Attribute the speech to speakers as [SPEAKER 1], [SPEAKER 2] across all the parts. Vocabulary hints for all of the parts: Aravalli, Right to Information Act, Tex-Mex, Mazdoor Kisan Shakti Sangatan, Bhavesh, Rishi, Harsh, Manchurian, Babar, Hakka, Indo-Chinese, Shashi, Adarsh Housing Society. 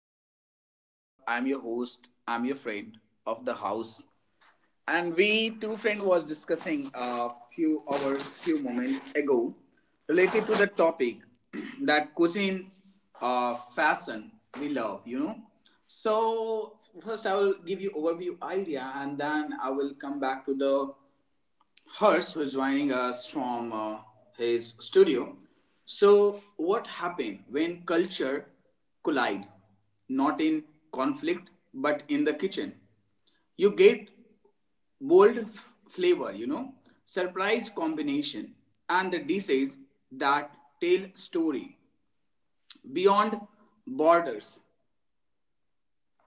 [SPEAKER 1] friend. I'm your love, I'm your host, I'm your friend of the house. And we two friend was discussing a few hours, few moments ago related to the topic that cuisine fashion we love, you know. So first I will give you overview idea and then I will come back to the Hers who's joining us from his studio. So, what happened when culture collide? Not in conflict, but in the kitchen. You get bold flavor, you know, surprise combination, and the dishes that tell story beyond borders.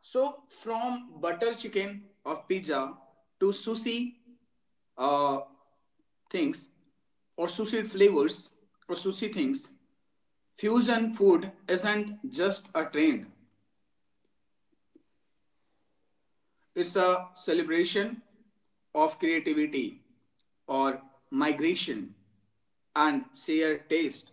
[SPEAKER 1] So from butter chicken or pizza to sushi uh, things or sushi flavors or sushi things, fusion food isn't just a trend. It's a celebration of creativity or migration and shared taste.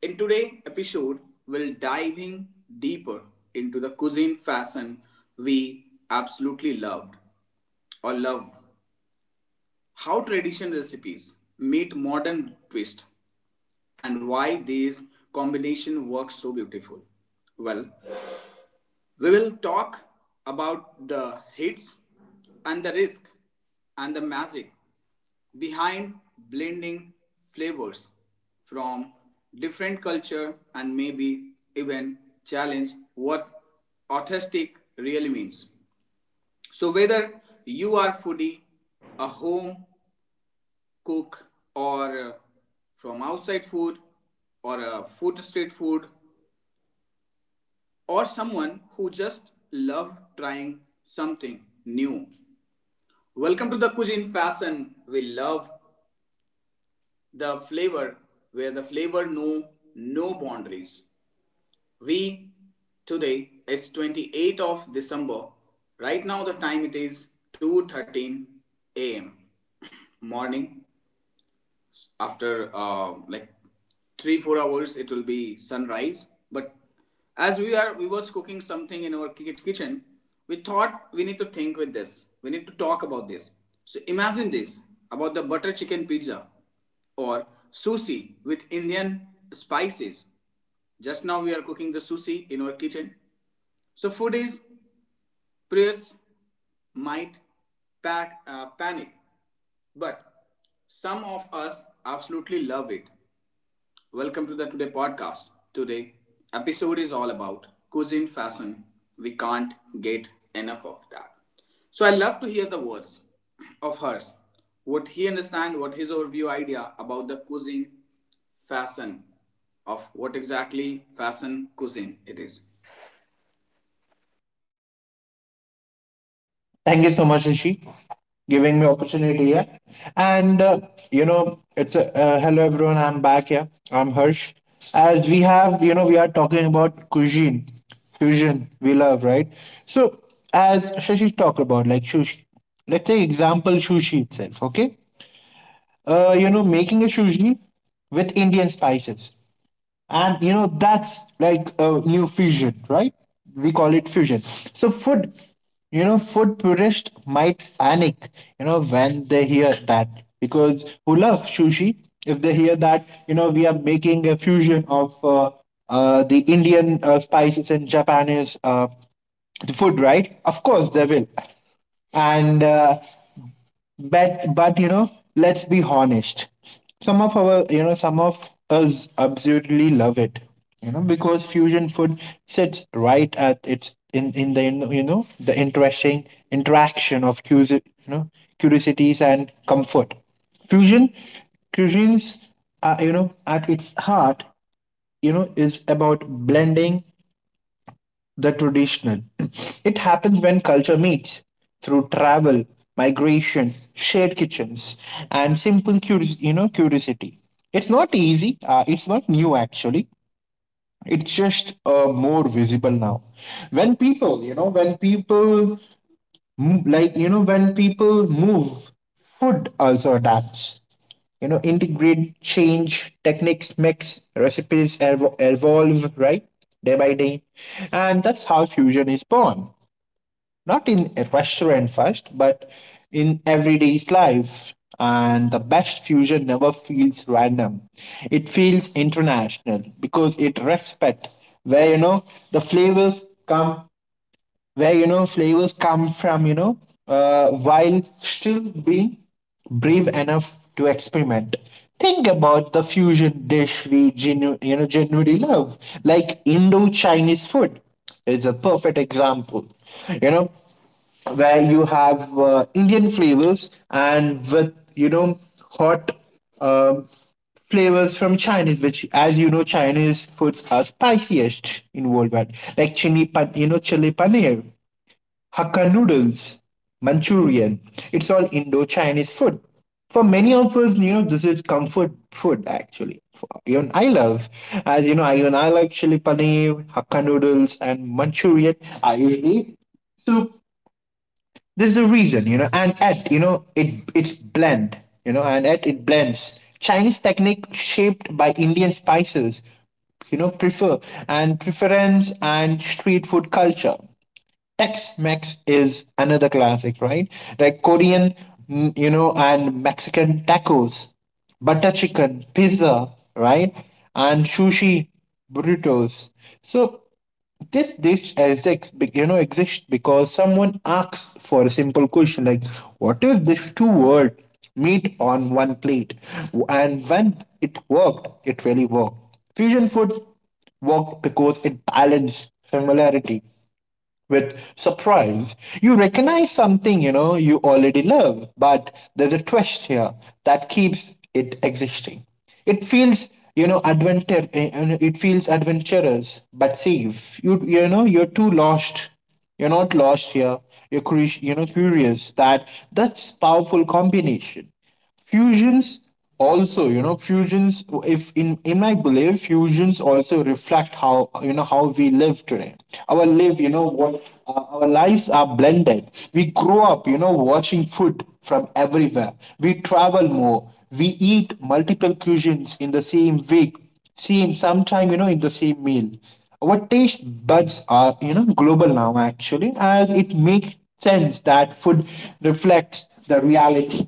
[SPEAKER 1] In today's episode, we'll diving deeper into the cuisine fashion we absolutely loved or love. How traditional recipes meet modern twist and why these combination works so beautiful. Well, we will talk about the hits and the risk and the magic behind blending flavors from different culture and maybe even challenge what authentic really means. So whether you are foodie, a home cook or from outside food or a food street food or someone who just love trying something new. Welcome to the cuisine fashion. We love the flavor where the flavor know no boundaries. We today is 28th of December. Right now the time it is 2:13 a.m. Morning after like 3 4 hours it will be sunrise, but as we are we was cooking something in our kitchen, we thought we need to think with this, we need to talk about this. So imagine this, about the butter chicken pizza or sushi with Indian spices. Just now we are cooking the sushi in our kitchen. So food is prayers might pack, panic, but some of us absolutely love it. Welcome to the Today podcast. Today episode is all about cuisine fashion. We can't get enough of that. So I love to hear the words of hers. What he understand, what his overview idea about the cuisine fashion, of what exactly fashion cuisine it is.
[SPEAKER 2] Thank you so much, Rishi, giving me opportunity here. And you know, it's a Hello everyone. I'm back here. I'm Harsh. As we have, we are talking about cuisine, fusion. We love, right? So, as Shashi talked about, like sushi. Let's take example sushi itself. Okay. Making a sushi with Indian spices, and that's like a new fusion, right? We call it fusion. So food, food purists might panic, when they hear that, because who love sushi, if they hear that, we are making a fusion of the Indian spices and Japanese the food, right? Of course they will. And uh, but but let's be honest, some of us absolutely love it, because fusion food sits right at its in the, the interesting interaction of curiosities and comfort. Fusion cuisines, at its heart, is about blending the traditional. It happens when culture meets through travel, migration, shared kitchens, and simple curiosity. It's not easy. It's not new actually. It's just more visible now. When people, you know, when people M- like you know when people move, food also adapts, integrate, change techniques, mix recipes, evolve, right? Day by day. And that's how fusion is born, not in a restaurant first, but in everyday's life. And the best fusion never feels random. It feels international because it respects, where the flavors come, where you know flavors come from, you know, while still being brave enough to experiment. Think about the fusion dish we genuinely love, like Indo-Chinese food is a perfect example. You know, where you have Indian flavors, and with hot um, flavors from Chinese, which, as you know, Chinese foods are spiciest in worldwide, like chili, pan, you know, chili paneer, Hakka noodles, Manchurian. It's all Indo-Chinese food. For many of us, you know, this is comfort food actually. For, even I love, as you know, I like chili paneer, Hakka noodles, and Manchurian. I usually eat. So there's a reason, you know, and at you know it it's blend, you know, and at it blends Chinese technique shaped by Indian spices, you know, prefer preference and street food culture. Tex-Mex is another classic, right? Like Korean, you know, and Mexican tacos, butter chicken, pizza, right? And sushi, burritos. So this dish is ex- you know exists because someone asks for a simple question like, what if this two word meet on one plate? And when it worked, it really worked. Fusion food worked because it balanced similarity with surprise. You recognize something you already love, but there's a twist here that keeps it existing. It feels you know adventure. It feels adventurous but safe. You know you're too lost. You're not lost here. You're curious. That's powerful combination. Fusions also you know fusions if in in my belief Fusions also reflect, how how we live today. Our live you know what Our lives are blended. We grow up, watching food from everywhere. We travel more. We eat multiple cuisines in the same week, same sometime you know in the same meal. Our taste buds are, global now. Actually, as it makes sense that food reflects the reality.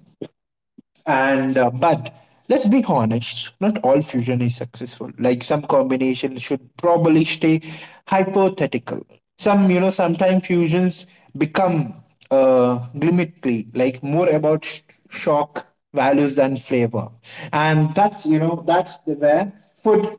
[SPEAKER 2] And uh, but let's be honest, not all fusion is successful. Like some combination should probably stay hypothetical. Sometimes fusions become glimmerly, like more about shock values than flavor. And that's, the where food,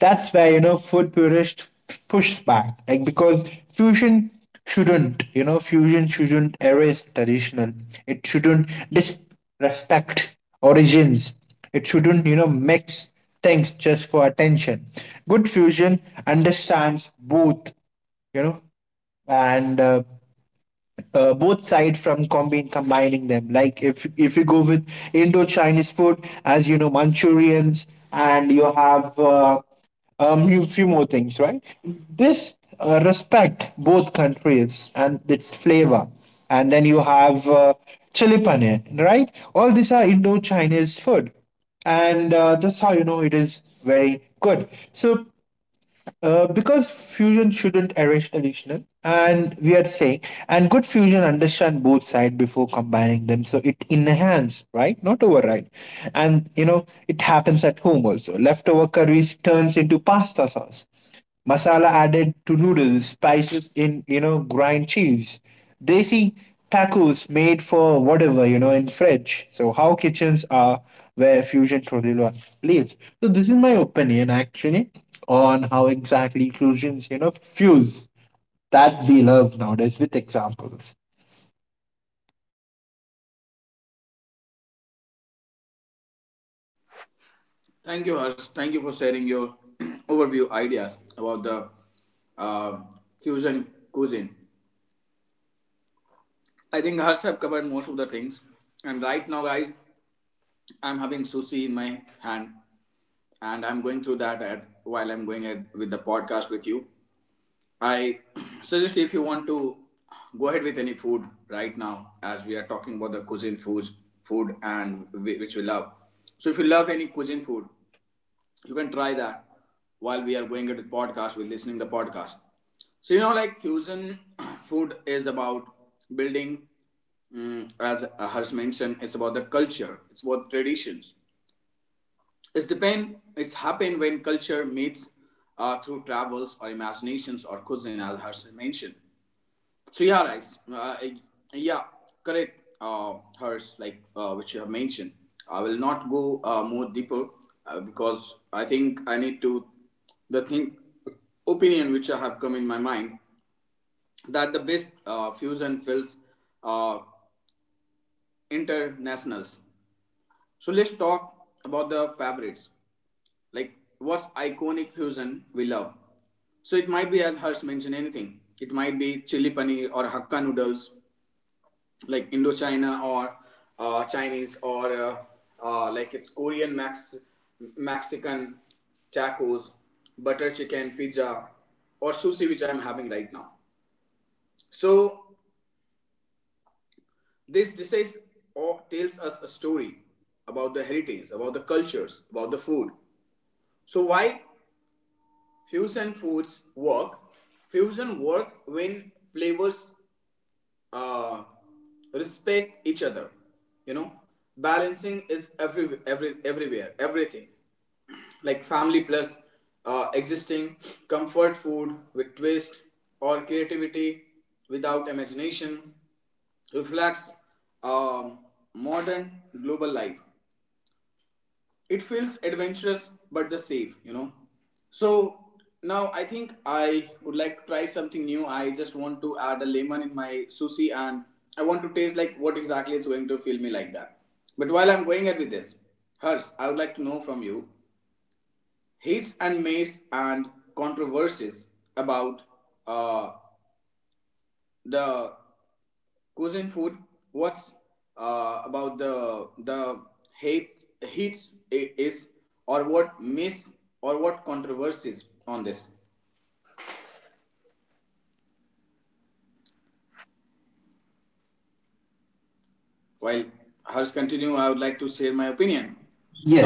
[SPEAKER 2] that's where you know food purists push back, like, because fusion shouldn't you know fusion shouldn't erase traditional. It shouldn't disrespect origins. It shouldn't, mix things just for attention. Good fusion understands both, you know. And Both side from combining them. Like if you go with Indo Chinese food, as you know, Manchurians, and you have few more things, right? This respect both countries and its flavor, and then you have chili paneer, right? All these are Indo Chinese food, and that's how it is very good. So because fusion shouldn't erase traditional, and we are saying, and good fusion understand both sides before combining them, so it enhance, right, not override, and you know it happens at home also. Leftover curries turns into pasta sauce, masala added to noodles, spices in, you know, grind cheese. Desi tacos made for whatever, you know, in French. So how kitchens are where fusion truly lives. So this is my opinion actually on how exactly fusions, you know, fuse that we love nowadays with examples.
[SPEAKER 1] Thank you, Harsh. Thank you for sharing your overview ideas about the uh, fusion cuisine. I think Harsh have covered most of the things. And right now, guys, I'm having sushi in my hand, and I'm going through that at, while I'm going at, with the podcast with you. I suggest if you want to go ahead with any food right now, as we are talking about the cuisine foods, food and which we love. So if you love any cuisine food, you can try that while we are going at the podcast, we're listening to the podcast. So you know, like fusion food is about building, mm, as Harsh mentioned, it's about the culture, it's about traditions, it's depend, it's happen when culture meets through travels or imaginations or cuisine, as Harsh mentioned. So yeah, guys. Yeah, correct. Hers, like which you have mentioned. I will not go more deeper because I think I need to the thing opinion which I have come in my mind that the best fusion fills, uh, internationals. So let's talk about the favorites. Like what's iconic fusion we love. So it might be, as Harsh mentioned, anything. It might be chili paneer or hakka noodles, like Indochina or Chinese, or like it's Korean Max Mexican tacos, butter chicken, pizza, or sushi, which I'm having right now. So this says or tells us a story about the heritage, about the cultures, about the food. So why fusion foods work? Fusion work when flavors uh, respect each other. You know, balancing is everywhere, everything, like family plus existing comfort food with twist or creativity without imagination reflects um, modern global life. It feels adventurous but the safe, you know. So now I think I would like to try something new. I just want to add a lemon in my sushi, and I want to taste like what exactly it's going to feel me like that. But while I'm going ahead with this, hers, I would like to know from you hits and miss and controversies about uh, the cuisine food. What's about the hates is or what miss or what controversies on this, while hers continue. I would like to share my opinion.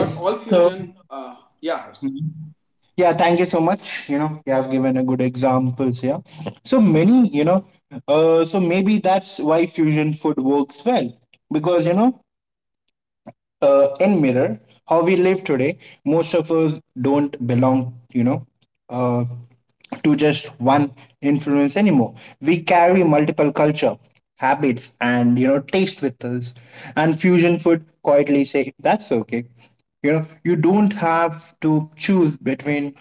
[SPEAKER 1] Not all
[SPEAKER 2] So
[SPEAKER 1] fusion, yeah, hers.
[SPEAKER 2] yeah, thank you so much. You know, you have given a good examples. Yeah, so many. You know, so maybe that's why fusion food works well because, you know, in mirror how we live today, most of us don't belong. You know, uh, to just one influence anymore. We carry multiple culture, habits, and, you know, taste with us. And fusion food quietly say that's okay, you know. You don't have to choose between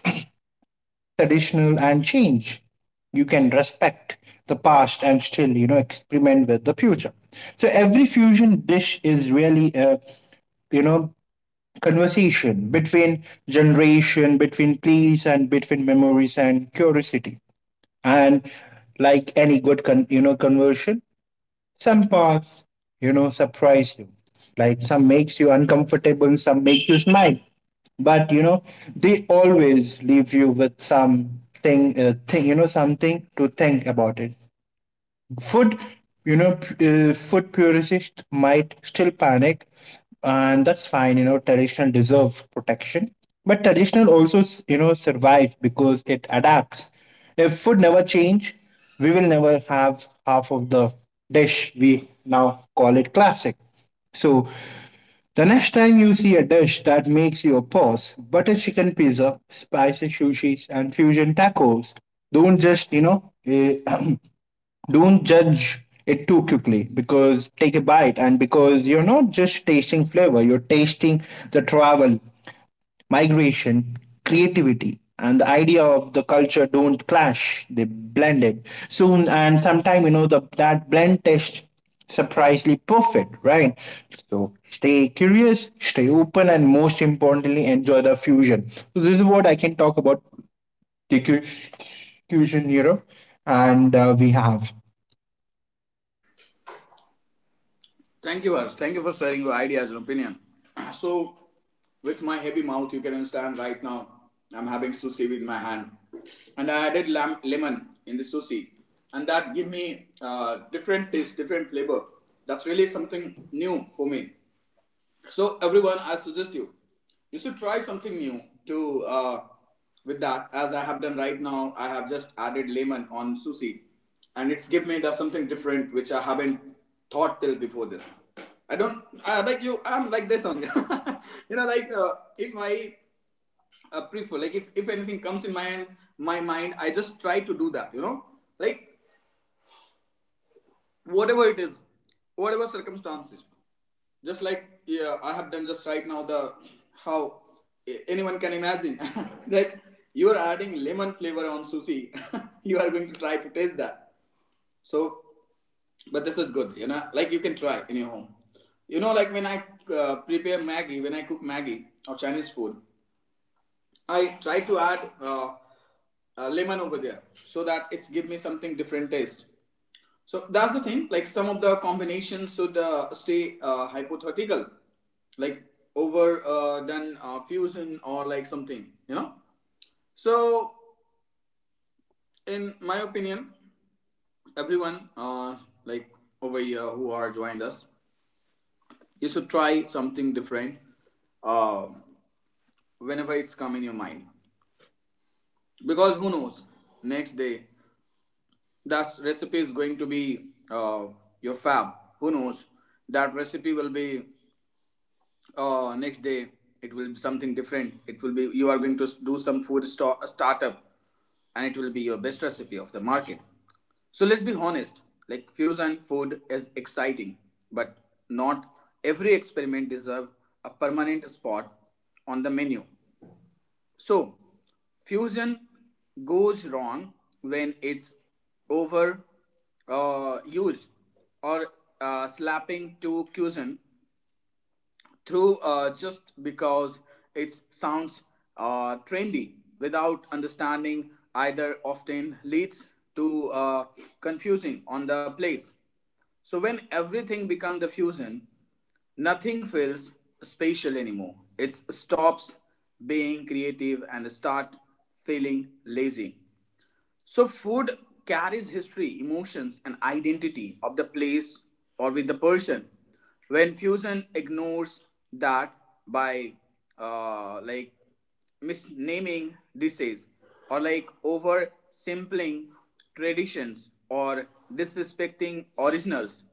[SPEAKER 2] traditional and change. You can respect the past and still, you know, experiment with the future. So every fusion dish is really a, you know, conversation between generation, between place and between memories and curiosity. And like any good, conversion, some parts surprise you, like some makes you uncomfortable, some make you smile. But you know, they always leave you with something thing you know something to think about it. Food, food purists might still panic, and that's fine. You know, traditional deserve protection, but traditional also, survive because it adapts. If food never change, we will never have half of the dish we now call it classic. So, the next time you see a dish that makes you pause, butter chicken pizza, spicy sushis, and fusion tacos, don't just, don't judge it too quickly, because take a bite, and because you're not just tasting flavor, you're tasting the travel, migration, creativity, and the idea of the culture don't clash. They blend it soon, and sometime, you know, the that blend test surprisingly perfect, right? So stay curious, stay open, and most importantly, enjoy the fusion. So this is what I can talk about the fusion, you know, and we have.
[SPEAKER 1] Thank you, Harsh. Thank you for sharing your ideas and opinion. So, with my heavy mouth, you can understand right now, I'm having sushi with my hand, and I added lemon in the sushi, and that give me different taste, different flavor. That's really something new for me. So everyone, I suggest you, you should try something new to with that. As I have done right now, I have just added lemon on sushi, and it's give me the something different which I haven't thought till before this. I don't I, like you. I'm like this only. You know, like if I prefer, like if anything comes in my hand, my mind, I just try to do that. You know, like whatever it is, whatever circumstances. Just like, yeah, I have done just right now. The how anyone can imagine. Like you are adding lemon flavor on sushi. You are going to try to taste that. So, but this is good, you know. Like you can try in your home. You know, like when I prepare Maggi, when I cook Maggi or Chinese food, I try to add lemon over there, so that it's give me something different taste. So that's the thing. Like some of the combinations should stay hypothetical, like over done fusion or like something, you know. So in my opinion, everyone like over here who are joined us, you should try something different uh, whenever it's come in your mind, because who knows next day that recipe is going to be your fab. Who knows that recipe will be, oh, next day it will be something different. It will be you are going to do some food store, a startup, and it will be your best recipe of the market. So let's be honest. Like fusion food is exciting, but not every experiment deserves a permanent spot on the menu. So fusion goes wrong when it's over used or slapping to cuisine through, just because it sounds trendy without understanding, either often leads to confusing on the place. So when everything becomes the fusion, nothing feels spatial anymore. It stops being creative and start feeling lazy. So, food carries history, emotions, and identity of the place or with the person. When fusion ignores that by like misnaming dishes or like oversimpling traditions or disrespecting originals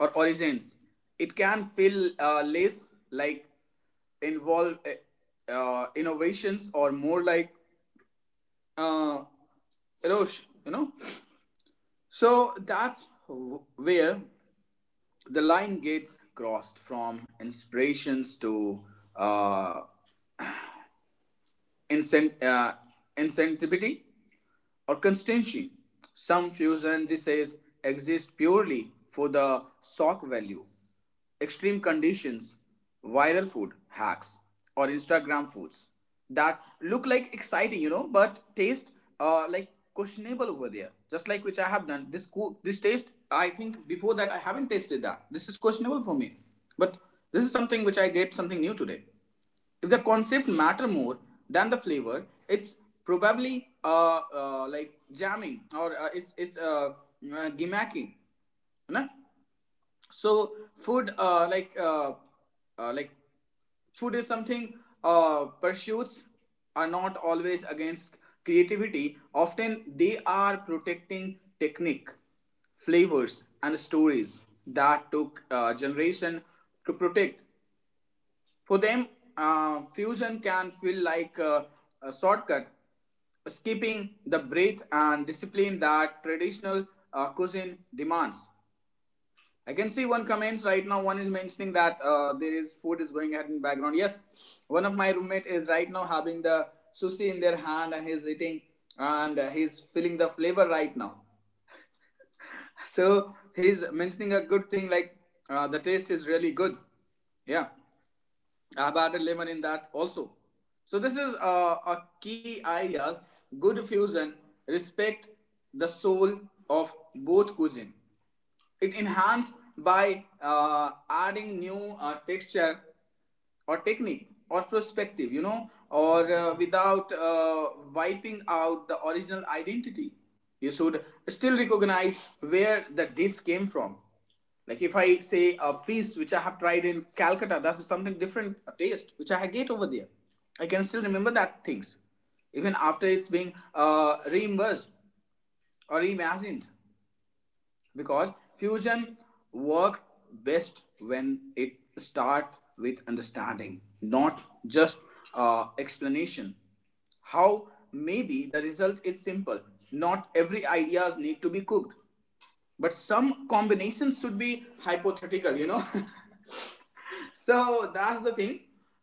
[SPEAKER 1] or origins, it can feel less like involve innovations or more like uh, erosion, you know. So that's where the line gets crossed from inspirations to uh, incent- uh, incentivity or constancy. Some fusion diseases exist purely for the shock value, extreme conditions, viral food hacks, or Instagram foods that look like exciting, you know, but taste like questionable over there. Just like which I have done this co this taste. I think before that I haven't tasted that. This is questionable for me, but this is something which I get something new today. If the concept matter more than the flavor, it's probably like jamming or it's gimmacking, you know? So food, like food is something, pursuits are not always against creativity. Often they are protecting technique, flavors and stories that took generation to protect. For them, fusion can feel like a shortcut, skipping the breadth and discipline that traditional cuisine demands. I can see one comments right now. One is mentioning that there is food is going ahead in the background. Yes, one of my roommate is right now having the sushi in their hand, and he's eating, and he's feeling the flavor right now. So he's mentioning a good thing, like the taste is really good. Yeah. I've added lemon in that also. So this is a key ideas. Good fusion respect the soul of both cuisine. It enhanced by adding new texture or technique or perspective, you know, or without wiping out the original identity. You should still recognize where the dish came from. Like if I say a fish which I have tried in Calcutta, that's something different, a taste which I get over there. I can still remember that things, even after it's being reimbursed or reimagined because fusion worked best when it start with understanding, not just explanation. How maybe the result is simple, not every ideas need to be cooked, but some combinations should be hypothetical, you know. So that's the thing.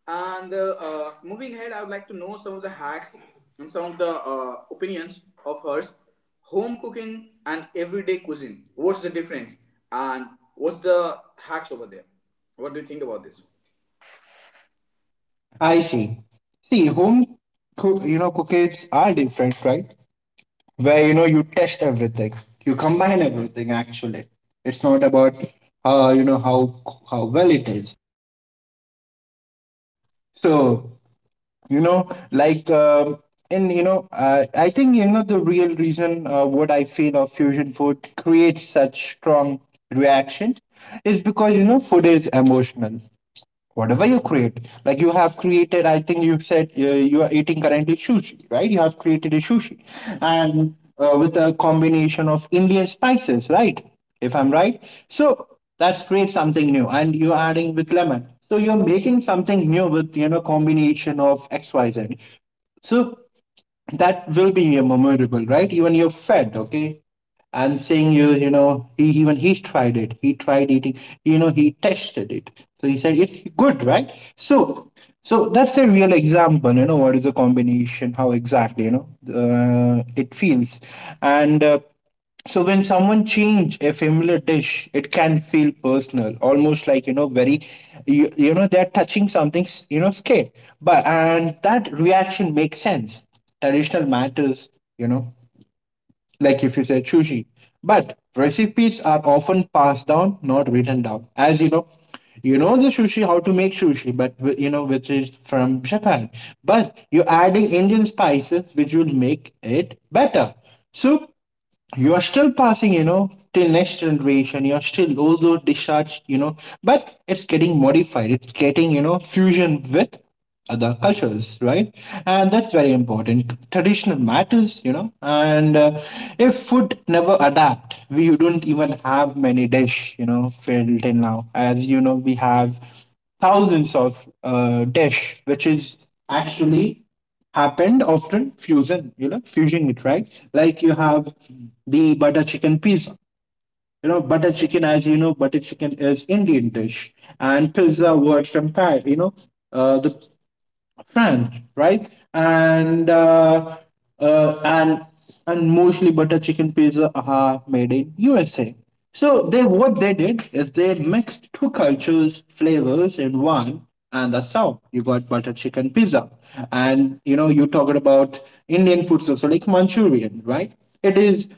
[SPEAKER 1] And Moving ahead, I would like to know some of the hacks and some of the opinions of hers. Home cooking and everyday cuisine, what's the difference? And what's the hacks over there? What do you think about this?
[SPEAKER 2] I see. See, home cook, cookies are different, right? Where, you know, you test everything, you combine everything. Actually, it's not about how well it is. So, you know, like um, I think, you know, the real reason, what I feel of fusion food creates such strong reaction is because, you know, food is emotional. Whatever you create, like you have created, I think you said, you are eating currently sushi, right? You have created a sushi, and with a combination of Indian spices, right? If I'm right. So that's create something new, and you're adding with lemon, so you're making something new with, you know, combination of XYZ. So that will be your memorable, right? Even you're fed, okay. I'm saying you, you know, he tried it. He tried eating, you know, he tested it. So he said it's good, right? So, so that's a real example. You know, what is the combination? How exactly, you know, it feels, and. So when someone change a familiar dish, it can feel personal, almost like, you know, very, they're touching something scared, but and that reaction makes sense. Traditional matters, you know, like if you say sushi. But recipes are often passed down, not written down. As you know the sushi, how to make sushi, but you know, which is from Japan. But you're adding Indian spices, which will make it better. So you are still passing, you know, till next generation, you're still also discharged, you know, but it's getting modified, it's getting, you know, fusion with other cultures, right? And that's very important, traditional matters, you know. And if food never adapt, we don't even have many dish, you know, till now. As you know, we have thousands of dish which is actually happened often fusion, you know, fusing it, right? Like you have the butter chicken pizza, you know. Butter chicken, as you know, butter chicken is Indian dish, and pizza was from Thai, you know, the France, right? And uh, uh, and and mostly butter chicken pizza are made in USA. So they what they did is they mixed two cultures flavors in one, and that's how you got butter chicken pizza. And you talking about Indian foods also like Manchurian, right? It is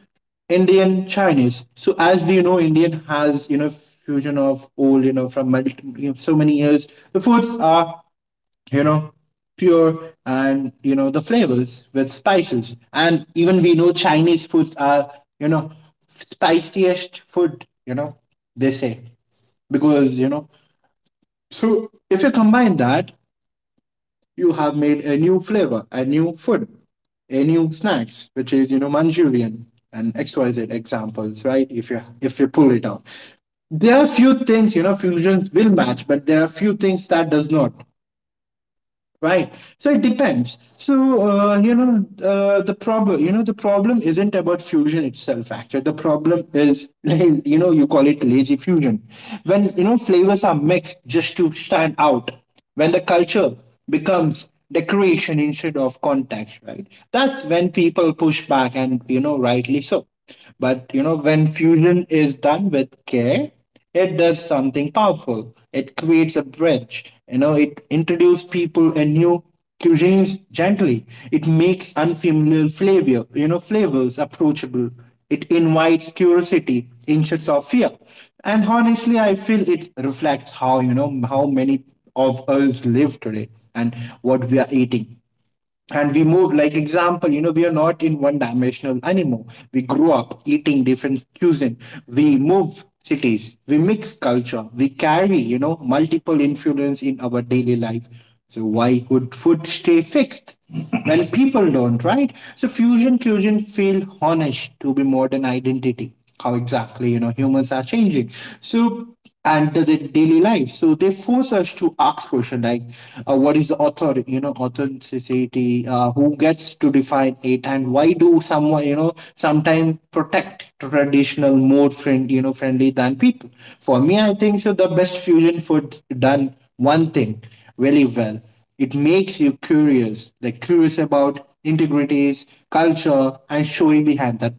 [SPEAKER 2] Indian Chinese. So as we know, Indian has fusion of all from so many years. The foods are you know, pure and the flavors with spices. And even we know Chinese foods are, you know, spiciest food, they say. Because, so if you combine that, you have made a new flavor, a new food, a new snacks, which is, Manchurian and XYZ examples, right? If you pull it out. There are few things, fusions will match, but there are few things that does not. Right. So it depends. So the problem isn't about fusion itself. Actually, the problem is you call it lazy fusion. When flavors are mixed just to stand out. When the culture becomes decoration instead of context. Right. That's when people push back, and rightly so. But when fusion is done with care, it does something powerful. It creates a bridge. It introduces people in new cuisines gently. It makes unfamiliar flavors approachable. It invites curiosity instead of fear. And honestly, I feel it reflects how many of us live today and what we are eating. And we move, like example, we are not in one dimensional anymore. We grew up eating different cuisine. We move cities, we mix culture, we carry multiple influence in our daily life. So why would food stay fixed when people don't, right? So fusion cuisine feel honest to be modern identity, how exactly, humans are changing. So and the daily life, so they force us to ask question like, what is the author you know authenticity, who gets to define it, and why do someone sometimes protect traditional more friendly than people. For me, I think so the best fusion food done one thing really well. It makes you curious, like curious about integrities culture and story behind that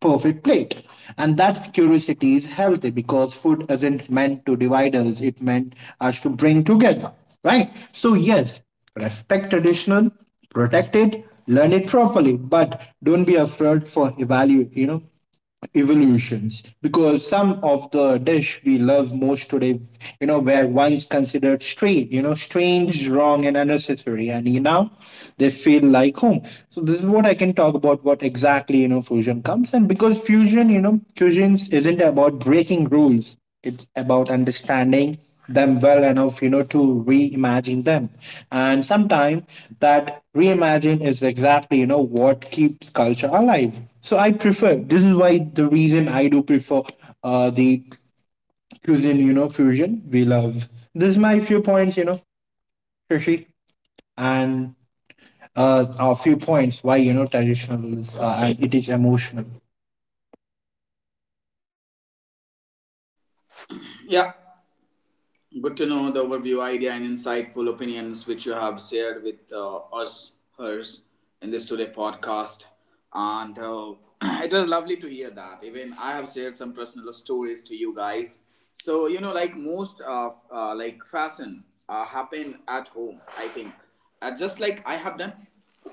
[SPEAKER 2] perfect plate. And that curiosity is healthy because food isn't meant to divide us, it meant us to bring together, right? So, yes, respect traditional, protect it, learn it properly, but don't be afraid for evolutions, because some of the dish we love most today were once considered strange you know strange wrong and unnecessary, and you now they feel like home. So this is what I can talk about, what exactly fusion comes. And because fusions isn't about breaking rules. It's about understanding them well enough, to reimagine them. And sometimes that reimagine is exactly, what keeps culture alive. So I prefer, this is why the reason I do prefer the cuisine, fusion we love. This is my few points, Shashi, and a few points why, traditional is, and it is emotional.
[SPEAKER 1] Yeah, good to know the overview, idea, and insightful opinions which you have shared with us, hers, in this today podcast. And It was lovely to hear that. Even I have shared some personal stories to you guys. So, you know, like most of like fashion happen at home, I think, just like I have done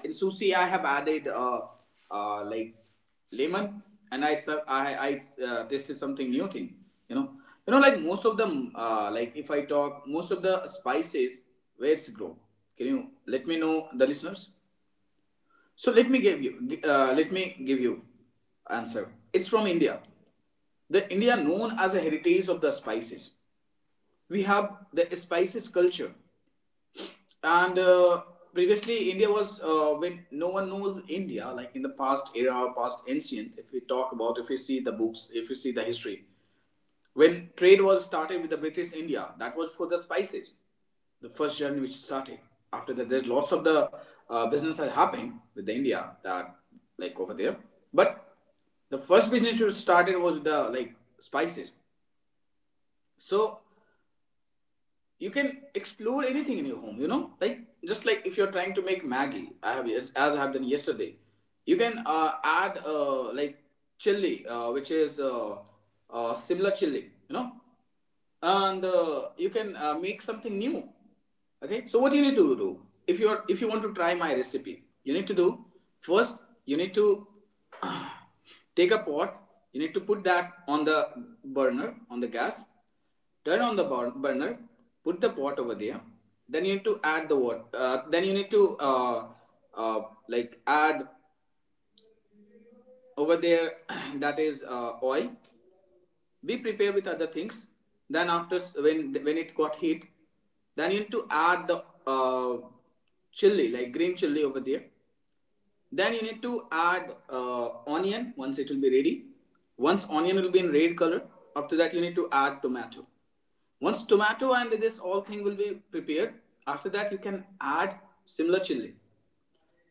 [SPEAKER 1] in sushi, I have added like lemon, and I ser- I tasted something new thing, you know. You know, like most of them, like if I talk, most of the spices, where it's grow, can you let me know the listeners? So let me give you let me give you answer. It's from India. The India known as a heritage of the spices. We have the spices culture. And previously India was when no one knows India, like in the past era or past ancient, if we talk about, if we see the books, if we see the history, when trade was started with the British India, that was for the spices, the first journey which started. After that there's lots of the business that happened with the India, that, like, over there. But the first business which started was the, like, spices. So you can explore anything in your home, you know, like, just like if you're trying to make maggie, I have, as I have done yesterday, you can add like chili, which is simla chili, you know. And you can make something new. Okay, so what you need to do, if you are, if you want to try my recipe, you need to do first, you need to uh, take a pot. You need to put that on the burner, on the gas, turn on the burner, put the pot over there. Then you need to add the water, then you need to uh, like add over there that is oil. Be prepared with other things. Then after, when it got heat, then you need to add the uh, chili, like green chili over there. Then you need to add onion. Once it will be ready, once onion will be in red color, after that you need to add tomato. Once tomato and this all thing will be prepared, after that you can add similar chili.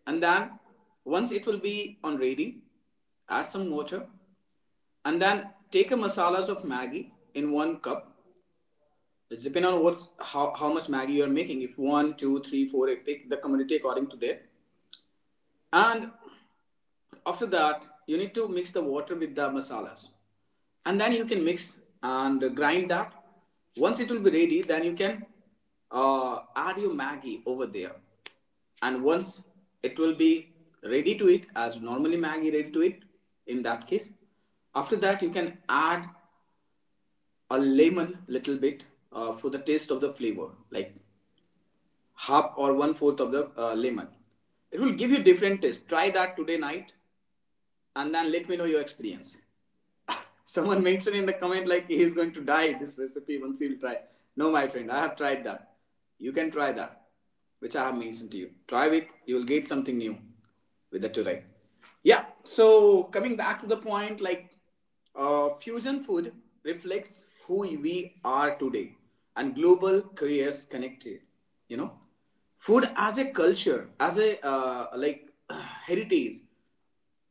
[SPEAKER 1] And then, once it will be on ready, add some water. And then take a masalas of maggi in one cup. It's depend on what's, how much maggi you're making. If one, two, three, four, eight, take the quantity according to that. And after that, you need to mix the water with the masalas. And then you can mix and grind that. Once it will be ready, then you can add your maggi over there. And once it will be ready to eat, as normally maggi ready to eat, in that case, after that you can add a lemon little bit for the taste of the flavor. Like half or 1/4 of the lemon. It will give you different taste. Try that today night, and then let me know your experience. Someone mentioned in the comment like he is going to die this recipe once he'll try. No, my friend, I have tried that. You can try that, which I have mentioned to you. Try it, you will get something new with the today. Yeah, so coming back to the point, like, fusion food reflects who we are today and global careers connected. You know, food as a culture, as a like heritage,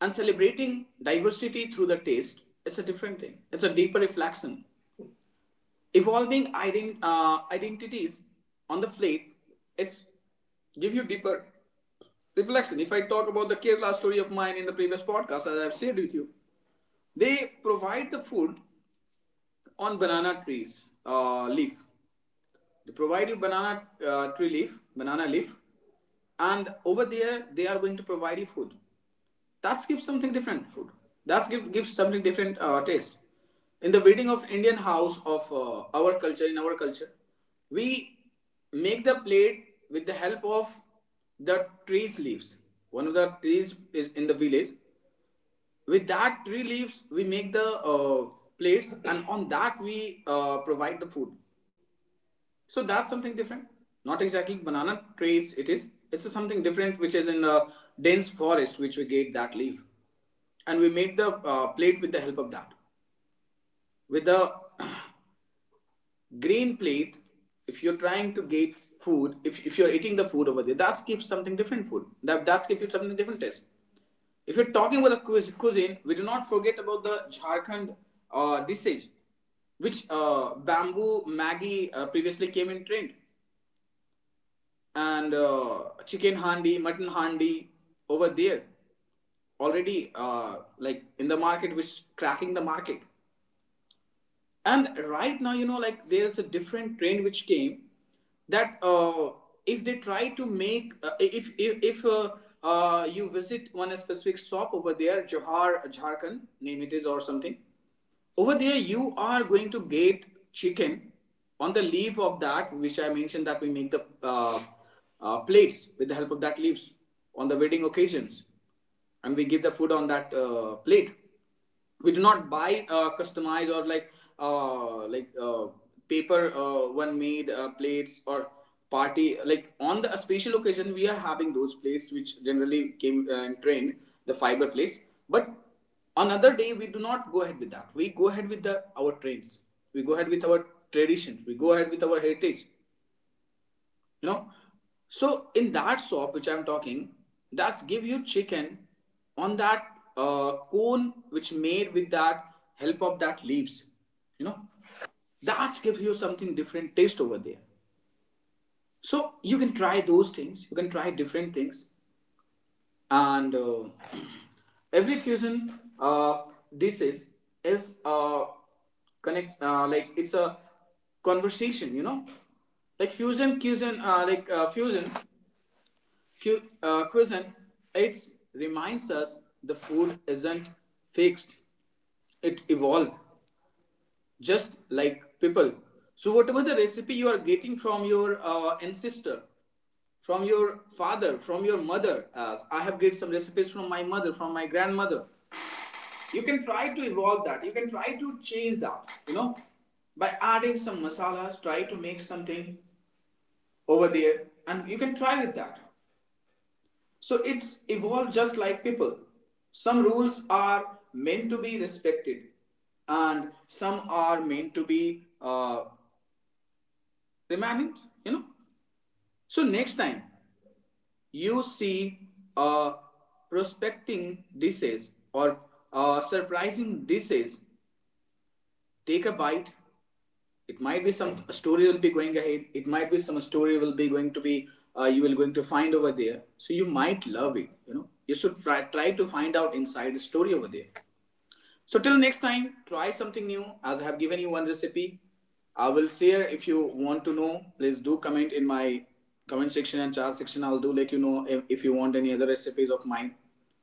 [SPEAKER 1] and celebrating diversity through the taste, it's a different thing. It's a deeper reflection. Evolving identities on the plate is give you deeper reflection. If I talk about the Kerala story of mine in the previous podcast, as I've shared with you, they provide the food on banana trees leaf. They provide you banana tree leaf, banana leaf, and over there they are going to provide you food. That gives something different food. That gives something different taste. In the wedding of Indian house of our culture, in our culture, we make the plate with the help of the tree's leaves. One of the trees is in the village. With that tree leaves, we make the plates, and on that we provide the food. So that's something different. Not exactly banana trees. It is. It's something different, which is in a dense forest, which we get that leaf, and we made the plate with the help of that. With the green plate, if you're trying to get food, if you're eating the food over there, that gives something different food. That gives you something different taste. If you're talking about the cuisine, we do not forget about the Jharkhand dishes, which bamboo Maggie previously came in trend, and chicken handi, mutton handi over there already, like in the market, which cracking the market. And right now, you know, like, there's a different trend which came, that if they try to make if you visit one specific shop over there, johar jharkhand name it is or something. Over there you are going to get chicken on the leaf of that, which I mentioned, that we make the plates with the help of that leaves on the wedding occasions, and we give the food on that plate. We do not buy customized, or like uh, like uh, paper one made plates or party, like on the special occasion we are having those plates which generally came and trained, the fiber plates. But another day, we do not go ahead with that. We go ahead with the our trends, we go ahead with our traditions, we go ahead with our heritage, you know. So in that shop which I'm talking, that's give you chicken on that cone, which made with that help of that leaves, you know. That gives you something different taste over there. So you can try those things, you can try different things. And every fusion of dishes is connect, like, it's a conversation, you know. Like fusion cuisine, it reminds us the food isn't fixed, it evolved just like people. So, whatever the recipe you are getting from your ancestor, from your father, from your mother, I have get some recipes from my mother, from my grandmother. You can try to evolve that. You can try to change that. You know, by adding some masalas, try to make something over there, and you can try with that. So it's evolved just like people. Some rules are meant to be respected, and some are meant to be remanded, you know. So next time you see a prospecting disease or a surprising disease, take a bite, it might be some story will be going ahead. It might be some story will be going to be you will going to find over there. So you might love it, you know, you should try, try to find out inside the story over there. So till next time, try something new, as I have given you one recipe. I will share, if you want to know, please do comment in my comment section and chat section, I'll do let you know if you want any other recipes of mine.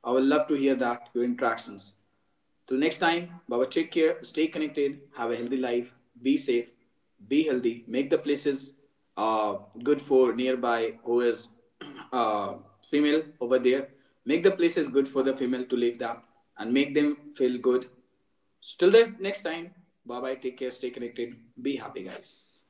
[SPEAKER 1] I will love to hear that your interactions. Till next time, Baba, take care, stay connected, have a healthy life, be safe, be healthy, make the places uh, good for nearby who is uh, female over there. Make the places good for the female to live there and make them feel good. So till the next time, bye bye, take care, stay connected, be happy, guys.